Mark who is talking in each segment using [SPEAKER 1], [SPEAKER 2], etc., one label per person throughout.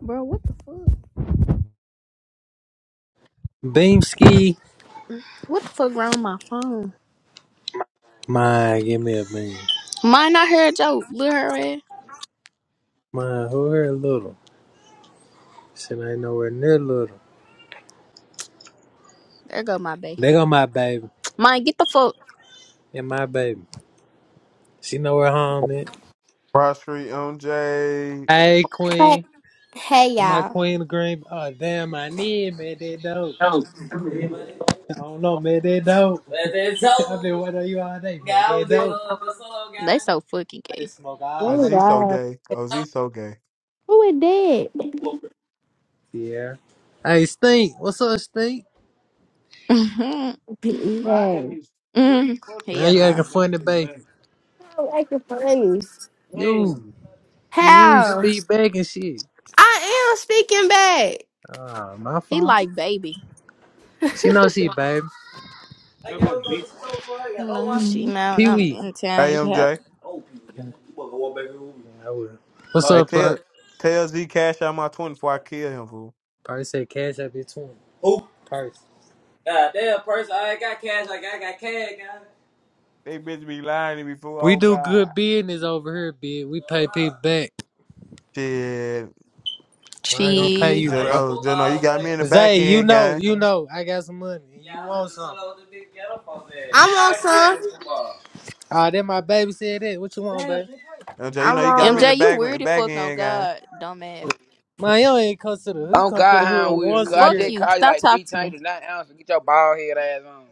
[SPEAKER 1] Bro, what the fuck?
[SPEAKER 2] Beam ski,
[SPEAKER 1] What the fuck wrong with my phone?
[SPEAKER 2] My, give me a beam.
[SPEAKER 1] Mine not heard Joe. Look her ass.
[SPEAKER 2] My, who here little? Shit ain't nowhere near little.
[SPEAKER 1] There go my bae.
[SPEAKER 2] They go my baby.
[SPEAKER 1] Mine, get the fuck.
[SPEAKER 2] And my baby. She nowhere home at.
[SPEAKER 3] Broad Street MJ.
[SPEAKER 2] Hey,
[SPEAKER 4] Hey,
[SPEAKER 2] queen.
[SPEAKER 4] hey,
[SPEAKER 2] My
[SPEAKER 4] y'all.
[SPEAKER 2] queen of green. Oh, damn, I need, man. That dope. I don't know, man. That dope. Man, that dope. I've been waiting on you all day, man. Yeah, I That was in, dope. In uh, the solo guy.
[SPEAKER 1] They so fucking
[SPEAKER 2] I
[SPEAKER 1] gay.
[SPEAKER 2] smoke all
[SPEAKER 3] Oh,
[SPEAKER 4] Oh, my
[SPEAKER 2] day.
[SPEAKER 3] Z so
[SPEAKER 4] God.
[SPEAKER 3] gay. Oh, Z so gay.
[SPEAKER 4] Who is that?
[SPEAKER 2] Yeah. Hey, Stink. What's up, Stink?
[SPEAKER 1] mm-hmm.
[SPEAKER 4] Hey!
[SPEAKER 3] Bro, I didn't
[SPEAKER 4] I'm
[SPEAKER 3] miss three fucking
[SPEAKER 1] Yeah,
[SPEAKER 2] Man, you
[SPEAKER 3] shots
[SPEAKER 1] nah.
[SPEAKER 2] acting
[SPEAKER 3] back
[SPEAKER 2] funny,
[SPEAKER 3] to
[SPEAKER 2] babe.
[SPEAKER 3] back.
[SPEAKER 4] acting funny.
[SPEAKER 2] You,
[SPEAKER 3] Damn,
[SPEAKER 2] you, you
[SPEAKER 4] How?
[SPEAKER 2] speak back and shit.
[SPEAKER 4] I am speaking back.
[SPEAKER 2] Ah, my
[SPEAKER 1] He
[SPEAKER 2] fault.
[SPEAKER 1] like baby.
[SPEAKER 2] She knows she, babe. Hey,
[SPEAKER 3] you're
[SPEAKER 2] girl,
[SPEAKER 3] gonna
[SPEAKER 2] I
[SPEAKER 3] beat.
[SPEAKER 2] was going for her. I got no
[SPEAKER 1] No,
[SPEAKER 2] wife.
[SPEAKER 1] she
[SPEAKER 4] Mhm.
[SPEAKER 1] mad when
[SPEAKER 2] Pee
[SPEAKER 1] I'm
[SPEAKER 2] Wee.
[SPEAKER 1] in town.
[SPEAKER 3] Hey,
[SPEAKER 1] You can help.
[SPEAKER 3] MJ.
[SPEAKER 2] Oh, Pee Wee. You want to walk back here with me? Yeah, I will. What's oh.
[SPEAKER 3] Hey,
[SPEAKER 2] up,
[SPEAKER 3] tell,
[SPEAKER 2] flirt?
[SPEAKER 3] tell Z cash out my 20 before I kill him, fool.
[SPEAKER 2] Probably said cash up your twin. Who? Purse. God damn, Purse. I ain't got cash. Like, I got cash, guys.
[SPEAKER 3] They bitch be lying to me, fool.
[SPEAKER 2] We
[SPEAKER 3] Oh,
[SPEAKER 2] do
[SPEAKER 3] God.
[SPEAKER 2] good business over here, bitch. We pay people back.
[SPEAKER 3] Shit.
[SPEAKER 2] I ain't
[SPEAKER 3] You,
[SPEAKER 2] gonna pay
[SPEAKER 1] She.
[SPEAKER 2] you,
[SPEAKER 3] just
[SPEAKER 2] bro.
[SPEAKER 3] know, just know you got me in the back
[SPEAKER 2] Zay, you
[SPEAKER 3] end,
[SPEAKER 2] know,
[SPEAKER 3] gang.
[SPEAKER 2] you know, I got some money. and You want some?
[SPEAKER 4] I'm on some.
[SPEAKER 2] Ah, that my baby said that. What you want, baby?
[SPEAKER 3] MJ, you know
[SPEAKER 4] I'm
[SPEAKER 3] you got me
[SPEAKER 4] on.
[SPEAKER 3] in the
[SPEAKER 1] MJ, you
[SPEAKER 3] back,
[SPEAKER 1] weird as
[SPEAKER 3] back
[SPEAKER 1] fuck on
[SPEAKER 3] end, gang.
[SPEAKER 1] God, dumbass.
[SPEAKER 2] Man, you ain't come to the hood. You
[SPEAKER 5] Oh
[SPEAKER 2] come to
[SPEAKER 5] God,
[SPEAKER 2] the
[SPEAKER 5] how
[SPEAKER 2] hood
[SPEAKER 5] I'm weird.
[SPEAKER 2] once
[SPEAKER 5] Cause
[SPEAKER 2] a
[SPEAKER 5] I
[SPEAKER 1] Fuck
[SPEAKER 2] year.
[SPEAKER 5] just
[SPEAKER 1] you.
[SPEAKER 5] called you
[SPEAKER 1] Stop
[SPEAKER 5] like three
[SPEAKER 1] talking to
[SPEAKER 5] times. You
[SPEAKER 1] me.
[SPEAKER 5] did not answer. Get your bald head ass on.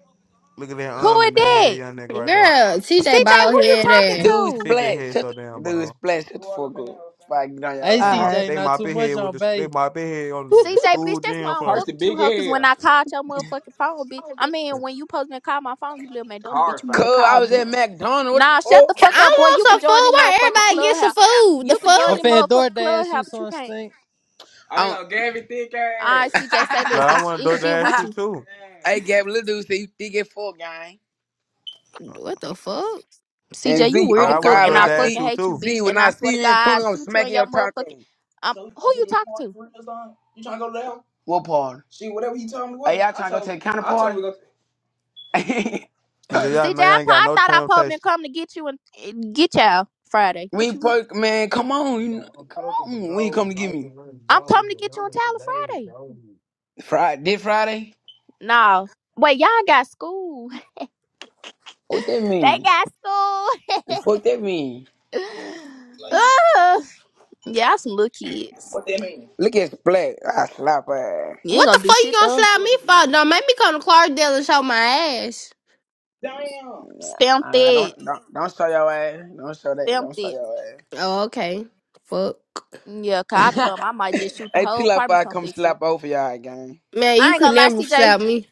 [SPEAKER 3] Look at that
[SPEAKER 1] Who
[SPEAKER 3] arm
[SPEAKER 1] is
[SPEAKER 3] and that
[SPEAKER 1] that?
[SPEAKER 3] head, young nigga right there.
[SPEAKER 4] Girl, TJ
[SPEAKER 1] CJ,
[SPEAKER 4] bald
[SPEAKER 1] who you
[SPEAKER 4] head
[SPEAKER 1] talking
[SPEAKER 4] and.
[SPEAKER 5] Dude,
[SPEAKER 1] to?
[SPEAKER 3] CJ
[SPEAKER 5] splash.
[SPEAKER 3] head
[SPEAKER 5] Shut
[SPEAKER 3] so
[SPEAKER 5] the,
[SPEAKER 3] damn
[SPEAKER 5] dude,
[SPEAKER 3] bald.
[SPEAKER 5] splash. Shut the fuck up. Before I get on
[SPEAKER 2] Hey,
[SPEAKER 5] your
[SPEAKER 3] They
[SPEAKER 5] ass.
[SPEAKER 3] mop
[SPEAKER 4] Alright.
[SPEAKER 3] it.
[SPEAKER 2] CJ,
[SPEAKER 3] They
[SPEAKER 2] not
[SPEAKER 3] mop
[SPEAKER 2] too
[SPEAKER 3] it
[SPEAKER 2] much
[SPEAKER 3] head with
[SPEAKER 2] on
[SPEAKER 3] the. They
[SPEAKER 2] Bay.
[SPEAKER 3] mop it head on the j-
[SPEAKER 1] CJ, bitch,
[SPEAKER 3] school
[SPEAKER 1] that's why I
[SPEAKER 3] gym
[SPEAKER 1] don't
[SPEAKER 3] floor.
[SPEAKER 1] fuck with you, hoe. Cause when I called your motherfucking phone, bitch, I mean, when you supposed to call my phone, you little man, don't bitch, you
[SPEAKER 5] Cause
[SPEAKER 1] never
[SPEAKER 5] I
[SPEAKER 1] call,
[SPEAKER 5] was at
[SPEAKER 1] bitch.
[SPEAKER 5] McDonald's. What the
[SPEAKER 1] Nah, shut the
[SPEAKER 4] Can-
[SPEAKER 5] fuck?
[SPEAKER 1] fuck up, boy.
[SPEAKER 4] I want
[SPEAKER 1] You could
[SPEAKER 4] some
[SPEAKER 1] join the
[SPEAKER 4] food. Why
[SPEAKER 1] motherfucking
[SPEAKER 4] everybody get some
[SPEAKER 1] clubhouse.
[SPEAKER 4] food? The
[SPEAKER 1] You could join
[SPEAKER 2] I'm
[SPEAKER 4] fuck?
[SPEAKER 1] the
[SPEAKER 2] finna
[SPEAKER 1] motherfucking
[SPEAKER 2] DoorDash you
[SPEAKER 1] clubhouse, but you
[SPEAKER 2] some
[SPEAKER 1] can't.
[SPEAKER 2] stink.
[SPEAKER 5] am
[SPEAKER 1] All right, CJ, say this.
[SPEAKER 3] Like I
[SPEAKER 5] ass.
[SPEAKER 1] It's
[SPEAKER 3] want to door
[SPEAKER 1] it's shit
[SPEAKER 3] dash
[SPEAKER 1] with
[SPEAKER 3] you
[SPEAKER 1] you,
[SPEAKER 3] too.
[SPEAKER 5] hey, Gab, little dude say you thick as fuck, gang.
[SPEAKER 3] Like
[SPEAKER 4] What the fuck?
[SPEAKER 5] And
[SPEAKER 1] CJ. You
[SPEAKER 5] Z,
[SPEAKER 1] weird as
[SPEAKER 3] I
[SPEAKER 5] on
[SPEAKER 1] fuck,
[SPEAKER 3] want to
[SPEAKER 5] God,
[SPEAKER 1] and
[SPEAKER 3] door
[SPEAKER 5] when
[SPEAKER 1] I
[SPEAKER 5] I
[SPEAKER 3] dash
[SPEAKER 1] fucking
[SPEAKER 5] see
[SPEAKER 3] you
[SPEAKER 1] hate you,
[SPEAKER 3] too.
[SPEAKER 1] bitch.
[SPEAKER 5] Z, when
[SPEAKER 1] And
[SPEAKER 5] I
[SPEAKER 1] I swear to
[SPEAKER 5] see you
[SPEAKER 1] God,
[SPEAKER 5] and
[SPEAKER 1] I
[SPEAKER 5] Tony, I'm
[SPEAKER 1] shoot you in
[SPEAKER 5] smacking
[SPEAKER 1] your
[SPEAKER 5] your
[SPEAKER 1] motherfucking.
[SPEAKER 5] taco.
[SPEAKER 1] Um, who you talking to,
[SPEAKER 5] What part? Hey, y'all trying to go to the counter party?
[SPEAKER 3] She said, "Y'all
[SPEAKER 1] CJ?
[SPEAKER 3] know y'all
[SPEAKER 1] I,
[SPEAKER 3] ain't
[SPEAKER 1] po-
[SPEAKER 3] got
[SPEAKER 1] I
[SPEAKER 3] no
[SPEAKER 1] thought I probably
[SPEAKER 3] transportation."
[SPEAKER 1] been coming to get you and, and get y'all Friday. What
[SPEAKER 5] We
[SPEAKER 1] you? What,
[SPEAKER 5] park, man. Come on, you know,
[SPEAKER 3] i
[SPEAKER 5] come on. When you
[SPEAKER 3] gold,
[SPEAKER 5] come to get
[SPEAKER 3] lightning
[SPEAKER 5] me
[SPEAKER 3] running
[SPEAKER 1] I'm
[SPEAKER 3] gold,
[SPEAKER 1] coming to
[SPEAKER 3] and
[SPEAKER 1] get you on
[SPEAKER 3] hundred for
[SPEAKER 1] Tyler
[SPEAKER 3] days
[SPEAKER 1] Friday.
[SPEAKER 3] gold.
[SPEAKER 5] Friday, this Friday?
[SPEAKER 1] No. Wait, y'all got school.
[SPEAKER 5] What that
[SPEAKER 1] They
[SPEAKER 5] mean?
[SPEAKER 1] got school.
[SPEAKER 5] The fuck that mean?
[SPEAKER 1] Ugh. y'all some little kids.
[SPEAKER 5] Look at black. I slap her. ass.
[SPEAKER 1] You ain't
[SPEAKER 4] What the
[SPEAKER 1] gonna do
[SPEAKER 4] fuck you
[SPEAKER 1] shit
[SPEAKER 4] gonna
[SPEAKER 1] though.
[SPEAKER 4] slap me for? Don't make me come to Clarkdale and show my ass.
[SPEAKER 5] Yeah,
[SPEAKER 1] Stamped
[SPEAKER 5] I
[SPEAKER 1] it.
[SPEAKER 5] don't don't don't show your ass. Don't show that.
[SPEAKER 1] Stamped
[SPEAKER 5] Don't show
[SPEAKER 1] it.
[SPEAKER 5] your
[SPEAKER 4] Oh, okay. Fuck.
[SPEAKER 1] Yeah, cause I come. I
[SPEAKER 5] ass.
[SPEAKER 1] might just shoot the
[SPEAKER 5] hey,
[SPEAKER 1] whole
[SPEAKER 5] chill out. Before
[SPEAKER 1] apartment
[SPEAKER 5] I come
[SPEAKER 1] complex up.
[SPEAKER 5] slap over y'all, gang.
[SPEAKER 4] Man, you
[SPEAKER 1] I ain't
[SPEAKER 4] could
[SPEAKER 1] gonna lie,
[SPEAKER 4] never
[SPEAKER 1] CJ.
[SPEAKER 4] slap me.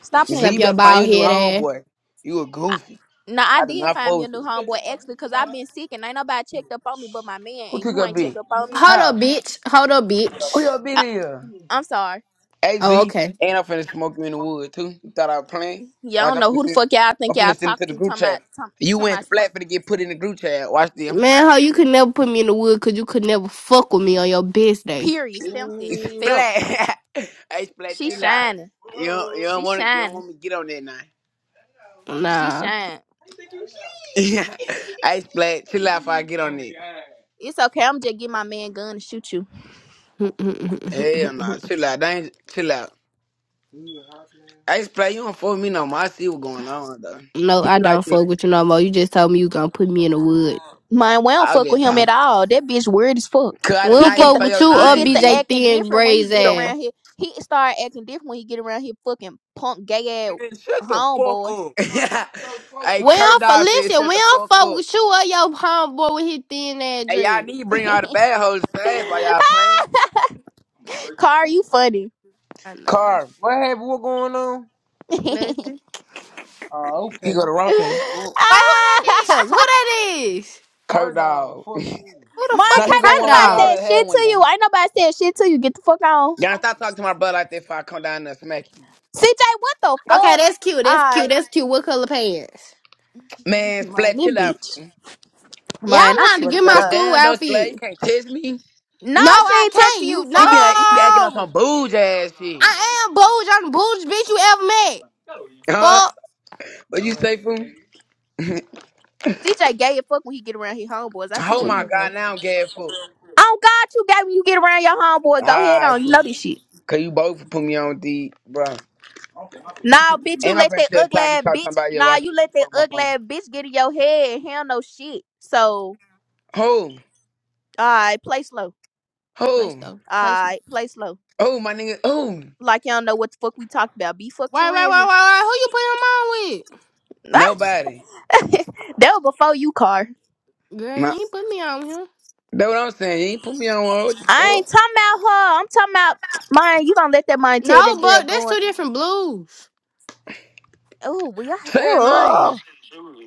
[SPEAKER 1] Stop
[SPEAKER 5] You
[SPEAKER 1] playing
[SPEAKER 5] see,
[SPEAKER 4] Slap
[SPEAKER 5] you
[SPEAKER 1] with me.
[SPEAKER 4] your
[SPEAKER 5] better find you
[SPEAKER 4] bald
[SPEAKER 5] a new
[SPEAKER 4] head ass.
[SPEAKER 5] homeboy. You a
[SPEAKER 1] I,
[SPEAKER 5] goofy.
[SPEAKER 1] no, I
[SPEAKER 5] I do
[SPEAKER 1] did
[SPEAKER 5] not
[SPEAKER 1] find me a
[SPEAKER 5] force
[SPEAKER 1] new
[SPEAKER 5] you.
[SPEAKER 1] homeboy actually, cause I've been sick and ain't nobody checked up on me but my man,
[SPEAKER 5] Who
[SPEAKER 1] and
[SPEAKER 5] took
[SPEAKER 1] you
[SPEAKER 5] your
[SPEAKER 1] ain't checked
[SPEAKER 5] bitch?
[SPEAKER 1] up on me.
[SPEAKER 4] Hold up,
[SPEAKER 5] How?
[SPEAKER 4] bitch. Hold up,
[SPEAKER 5] Who your
[SPEAKER 4] bitch.
[SPEAKER 1] I,
[SPEAKER 5] bitch is?
[SPEAKER 1] I'm sorry,
[SPEAKER 5] A Z,
[SPEAKER 4] Oh,
[SPEAKER 1] Car.
[SPEAKER 4] okay.
[SPEAKER 5] and I'm finna smoke you in the wood too. You thought I was playing?
[SPEAKER 1] Y'all
[SPEAKER 5] Watch,
[SPEAKER 1] don't
[SPEAKER 5] I'm
[SPEAKER 1] know
[SPEAKER 5] finna
[SPEAKER 1] who the
[SPEAKER 5] send,
[SPEAKER 1] fuck y'all think
[SPEAKER 5] I'm finna
[SPEAKER 1] y'all
[SPEAKER 5] send it
[SPEAKER 1] talk
[SPEAKER 5] to the
[SPEAKER 1] to.
[SPEAKER 5] group
[SPEAKER 1] Talking about,
[SPEAKER 5] chat.
[SPEAKER 1] talking,
[SPEAKER 5] You
[SPEAKER 1] talking
[SPEAKER 5] went
[SPEAKER 1] about smoke.
[SPEAKER 5] splat finna get put in the group chat. Watch this, I'm
[SPEAKER 4] Man, how you could never put me in the wood because you could never fuck with me on your best day.
[SPEAKER 1] Period. Stamped it.
[SPEAKER 5] finna
[SPEAKER 1] Felt.
[SPEAKER 5] splat. hey splat,
[SPEAKER 1] She
[SPEAKER 5] chill out.
[SPEAKER 1] shining.
[SPEAKER 5] You don't, you don't
[SPEAKER 1] She
[SPEAKER 5] want to, you don't
[SPEAKER 1] shining.
[SPEAKER 5] want me to get on that now.
[SPEAKER 1] She
[SPEAKER 4] Nah.
[SPEAKER 1] shining.
[SPEAKER 5] hey splat, chill out if I get on it.
[SPEAKER 1] It's okay. I'm just get my man gun and shoot you.
[SPEAKER 4] no,
[SPEAKER 5] Hell nah, chill out. That ain't chill out. Hey splat, you don't fool me no more. I see what's going on though. Keep
[SPEAKER 4] I
[SPEAKER 5] it
[SPEAKER 4] don't
[SPEAKER 5] like this.
[SPEAKER 4] fuck with you no more. You just told me you gonna put me in the wood.
[SPEAKER 1] Man, we don't
[SPEAKER 5] i was
[SPEAKER 1] fuck with
[SPEAKER 5] just
[SPEAKER 1] him at
[SPEAKER 5] talking.
[SPEAKER 1] all. That bitch weird as fuck.
[SPEAKER 5] Cause I
[SPEAKER 4] We
[SPEAKER 5] did
[SPEAKER 1] He
[SPEAKER 4] don't
[SPEAKER 5] not
[SPEAKER 1] get
[SPEAKER 5] even
[SPEAKER 4] fuck
[SPEAKER 1] the
[SPEAKER 5] say
[SPEAKER 4] with
[SPEAKER 5] your
[SPEAKER 4] you
[SPEAKER 1] he
[SPEAKER 4] or
[SPEAKER 5] name,
[SPEAKER 1] get the
[SPEAKER 4] BJ
[SPEAKER 5] Z.
[SPEAKER 1] acting
[SPEAKER 4] Thin
[SPEAKER 1] different when he
[SPEAKER 4] braids
[SPEAKER 5] Get
[SPEAKER 1] get
[SPEAKER 5] your
[SPEAKER 4] ass.
[SPEAKER 1] around here. He start acting different when he get around here. Fucking punk gay ass
[SPEAKER 5] Man, shut the fuck
[SPEAKER 1] homeboys.
[SPEAKER 5] up. Yeah. hey,
[SPEAKER 4] We
[SPEAKER 5] Kurt
[SPEAKER 4] don't fuck,
[SPEAKER 5] Dog said,
[SPEAKER 4] listen,
[SPEAKER 5] shut
[SPEAKER 4] we
[SPEAKER 5] the
[SPEAKER 4] don't
[SPEAKER 5] fuck
[SPEAKER 4] fuck
[SPEAKER 5] up.
[SPEAKER 4] with you or your homeboy with his thin ass
[SPEAKER 5] Hey, y'all
[SPEAKER 4] dread.
[SPEAKER 5] need to bring all the bad hoes to ass while y'all playing.
[SPEAKER 1] Car, you funny.
[SPEAKER 4] I know.
[SPEAKER 5] Car, What happened? What going on?
[SPEAKER 1] ah!
[SPEAKER 4] Nothing. Wait,
[SPEAKER 5] Oh, he okay. go to raw paper.
[SPEAKER 4] who that is? Who that is?
[SPEAKER 5] Kurt Bird dog, Dog. fuck you.
[SPEAKER 4] Who the
[SPEAKER 1] Martin
[SPEAKER 5] now
[SPEAKER 4] fucking
[SPEAKER 1] Car,
[SPEAKER 5] he
[SPEAKER 1] ain't
[SPEAKER 5] go
[SPEAKER 4] Kurt
[SPEAKER 5] one right
[SPEAKER 1] nobody
[SPEAKER 5] here. I
[SPEAKER 4] dog?
[SPEAKER 1] said
[SPEAKER 5] already had
[SPEAKER 1] shit to
[SPEAKER 5] one,
[SPEAKER 1] you.
[SPEAKER 5] gang.
[SPEAKER 1] Ain't nobody said shit to you. Get the fuck on.
[SPEAKER 5] Gang, stop talking to my brother like that before I come down there and smack you.
[SPEAKER 1] CJ, what the fuck?
[SPEAKER 4] Okay,
[SPEAKER 1] All
[SPEAKER 4] that's cute. That's
[SPEAKER 1] right.
[SPEAKER 4] cute. That's cute. What color pants?
[SPEAKER 5] Man, Splat,
[SPEAKER 1] Miami
[SPEAKER 5] chill out.
[SPEAKER 1] Beach.
[SPEAKER 5] fool.
[SPEAKER 4] Yeah,
[SPEAKER 1] Mine,
[SPEAKER 4] I'm
[SPEAKER 1] I
[SPEAKER 4] trying
[SPEAKER 1] swear
[SPEAKER 4] to
[SPEAKER 1] to
[SPEAKER 4] get my
[SPEAKER 5] But
[SPEAKER 1] God.
[SPEAKER 4] school
[SPEAKER 5] damn, though, Splat, you
[SPEAKER 4] outfit.
[SPEAKER 5] can't test me.
[SPEAKER 1] No,
[SPEAKER 4] No,
[SPEAKER 1] she
[SPEAKER 4] I
[SPEAKER 1] ain't
[SPEAKER 4] can't.
[SPEAKER 1] texting
[SPEAKER 4] You
[SPEAKER 1] you,
[SPEAKER 5] You be,
[SPEAKER 1] fuck.
[SPEAKER 5] you be acting on
[SPEAKER 4] no.
[SPEAKER 5] some bouge ass
[SPEAKER 4] I
[SPEAKER 5] shit.
[SPEAKER 4] am booge. I'm the booge bitch you ever met.
[SPEAKER 5] Huh?
[SPEAKER 4] Fuck.
[SPEAKER 5] But you say, fool?
[SPEAKER 1] CJ gay as fuck when he get around his homeboys. I see
[SPEAKER 5] Oh
[SPEAKER 1] what
[SPEAKER 5] my
[SPEAKER 1] go on.
[SPEAKER 5] God, now I'm gay, fool.
[SPEAKER 1] Oh God, you gay when you get around your homeboy.
[SPEAKER 5] All
[SPEAKER 1] Go ahead
[SPEAKER 5] right,
[SPEAKER 1] on. You know
[SPEAKER 5] fool.
[SPEAKER 1] this shit.
[SPEAKER 5] Cause you both put me on the bro.
[SPEAKER 1] Nah, bitch, you
[SPEAKER 5] And I'm
[SPEAKER 1] let
[SPEAKER 5] finna
[SPEAKER 1] that
[SPEAKER 5] tell
[SPEAKER 1] ugly
[SPEAKER 5] Thought he
[SPEAKER 1] ass
[SPEAKER 5] talk to
[SPEAKER 1] bitch.
[SPEAKER 5] somebody else.
[SPEAKER 1] Nah,
[SPEAKER 5] Watch this.
[SPEAKER 1] you
[SPEAKER 5] Get
[SPEAKER 1] let
[SPEAKER 5] the
[SPEAKER 1] that
[SPEAKER 5] fuck off my
[SPEAKER 1] ugly
[SPEAKER 5] phone.
[SPEAKER 1] ass bitch get in your head and he don't know shit. So,
[SPEAKER 5] Who?
[SPEAKER 1] alright, play slow.
[SPEAKER 4] Play
[SPEAKER 5] Who?
[SPEAKER 4] though. Play slow.
[SPEAKER 1] Alright, play slow.
[SPEAKER 5] Who, my nigga? Who?
[SPEAKER 1] Like y'all know what the fuck we talked about. Be fuck
[SPEAKER 4] Wait,
[SPEAKER 1] for
[SPEAKER 4] wait,
[SPEAKER 1] real.
[SPEAKER 4] wait, wait, wait. Who you putting him on with?
[SPEAKER 5] Nobody.
[SPEAKER 1] that was before you, car.
[SPEAKER 4] Girl, you
[SPEAKER 5] Nah.
[SPEAKER 4] ain't put me on here.
[SPEAKER 5] That what I'm saying. You ain't put me on one. what the
[SPEAKER 1] I
[SPEAKER 5] fuck?
[SPEAKER 1] ain't talking about her. I'm talking about mine. You gonna let that mind tell
[SPEAKER 4] No,
[SPEAKER 1] that girl
[SPEAKER 4] but that's
[SPEAKER 1] going?
[SPEAKER 4] two different blues.
[SPEAKER 1] Oh, we I
[SPEAKER 5] Say a name.
[SPEAKER 1] oh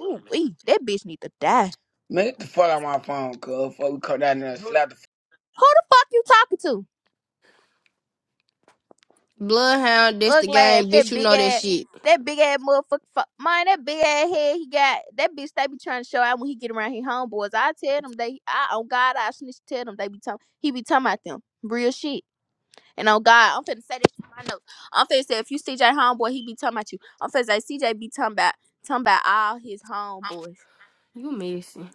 [SPEAKER 1] ooh we that bitch need to die.
[SPEAKER 5] Man, get the fuck out my phone, cuz. Fuck, we come down there and slap the
[SPEAKER 1] Who the fuck you talking to?
[SPEAKER 4] Bloodhound, that's the
[SPEAKER 1] Ugly ass,
[SPEAKER 4] game, bitch.
[SPEAKER 1] that
[SPEAKER 4] You
[SPEAKER 1] big
[SPEAKER 4] know that
[SPEAKER 1] ass,
[SPEAKER 4] shit.
[SPEAKER 1] that big ass motherfucker. Fu- mine, that big ass head he got. That bitch they be trying to show out when he get around his homeboys. I tell them they, I on God, I snitch. Tell them they be talking. He be talking about them real shit. And on God, I'm finna say this shit in my notes. I'm finna say if you CJ homeboy, he be talking about you. I'm finna say CJ be talking about talking about all his homeboys.
[SPEAKER 4] You missing.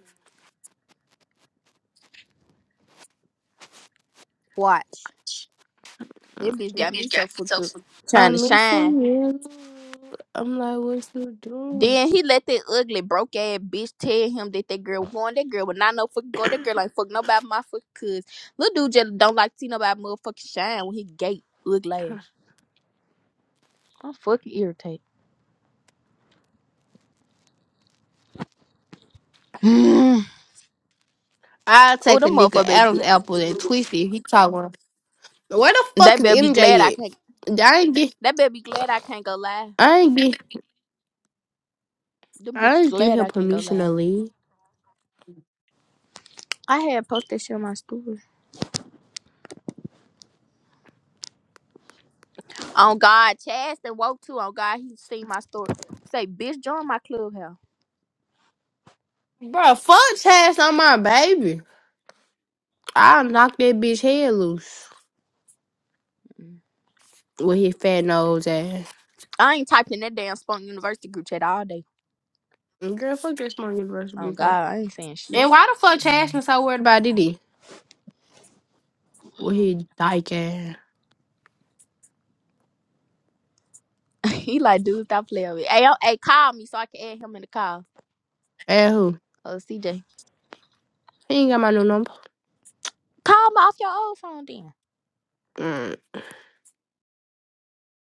[SPEAKER 1] Watch. That bitch got me so fucked up trying to
[SPEAKER 4] I'm
[SPEAKER 1] shine.
[SPEAKER 4] missing you. I'm like, what you doing?
[SPEAKER 1] Then he let that ugly broke ass bitch tell him that that girl was going. That girl would not know fucking going. That girl ain't fuck nobody my fucking cuz. Little dude just don't like to see nobody motherfucking shine when he gay ugly ass. I'm fucking irritated. oh,
[SPEAKER 4] I'll take a
[SPEAKER 1] them
[SPEAKER 4] nigga
[SPEAKER 1] motherfucker better
[SPEAKER 4] Adam's
[SPEAKER 1] be,
[SPEAKER 4] apple and twist it. He talking. Where the
[SPEAKER 1] they
[SPEAKER 4] fuck is
[SPEAKER 1] better be glad I
[SPEAKER 4] MJ
[SPEAKER 1] can't.
[SPEAKER 4] at? I ain't get.
[SPEAKER 1] They better be glad I can't go live.
[SPEAKER 4] I ain't get.
[SPEAKER 1] Them
[SPEAKER 4] I
[SPEAKER 1] bitch
[SPEAKER 4] ain't give
[SPEAKER 1] glad
[SPEAKER 4] him
[SPEAKER 1] I can't go
[SPEAKER 4] permission to
[SPEAKER 1] live.
[SPEAKER 4] leave.
[SPEAKER 1] I had posted shit on my story. On God, Chaz and woke too. On God, he seen my story. Say, bitch, join my club
[SPEAKER 4] Bro, fuck Chaz on my baby. I'll knock that bitch head loose
[SPEAKER 1] here.
[SPEAKER 4] with his fat nose ass.
[SPEAKER 1] I ain't typing that damn Spunk University group chat all day.
[SPEAKER 4] Girl, fuck that smart universal
[SPEAKER 1] Oh
[SPEAKER 4] bitch ass.
[SPEAKER 1] God, I ain't saying shit.
[SPEAKER 4] And why the fuck Chaz been so worried about Diddy? With his dyke ass.
[SPEAKER 1] he like, dude, stop playing with me. Hey, yo, hey, call me so I can add him in the call.
[SPEAKER 4] And who?
[SPEAKER 1] Uh, CJ,
[SPEAKER 4] He ain't got my new number.
[SPEAKER 1] call me off your old phone then.
[SPEAKER 4] Mm.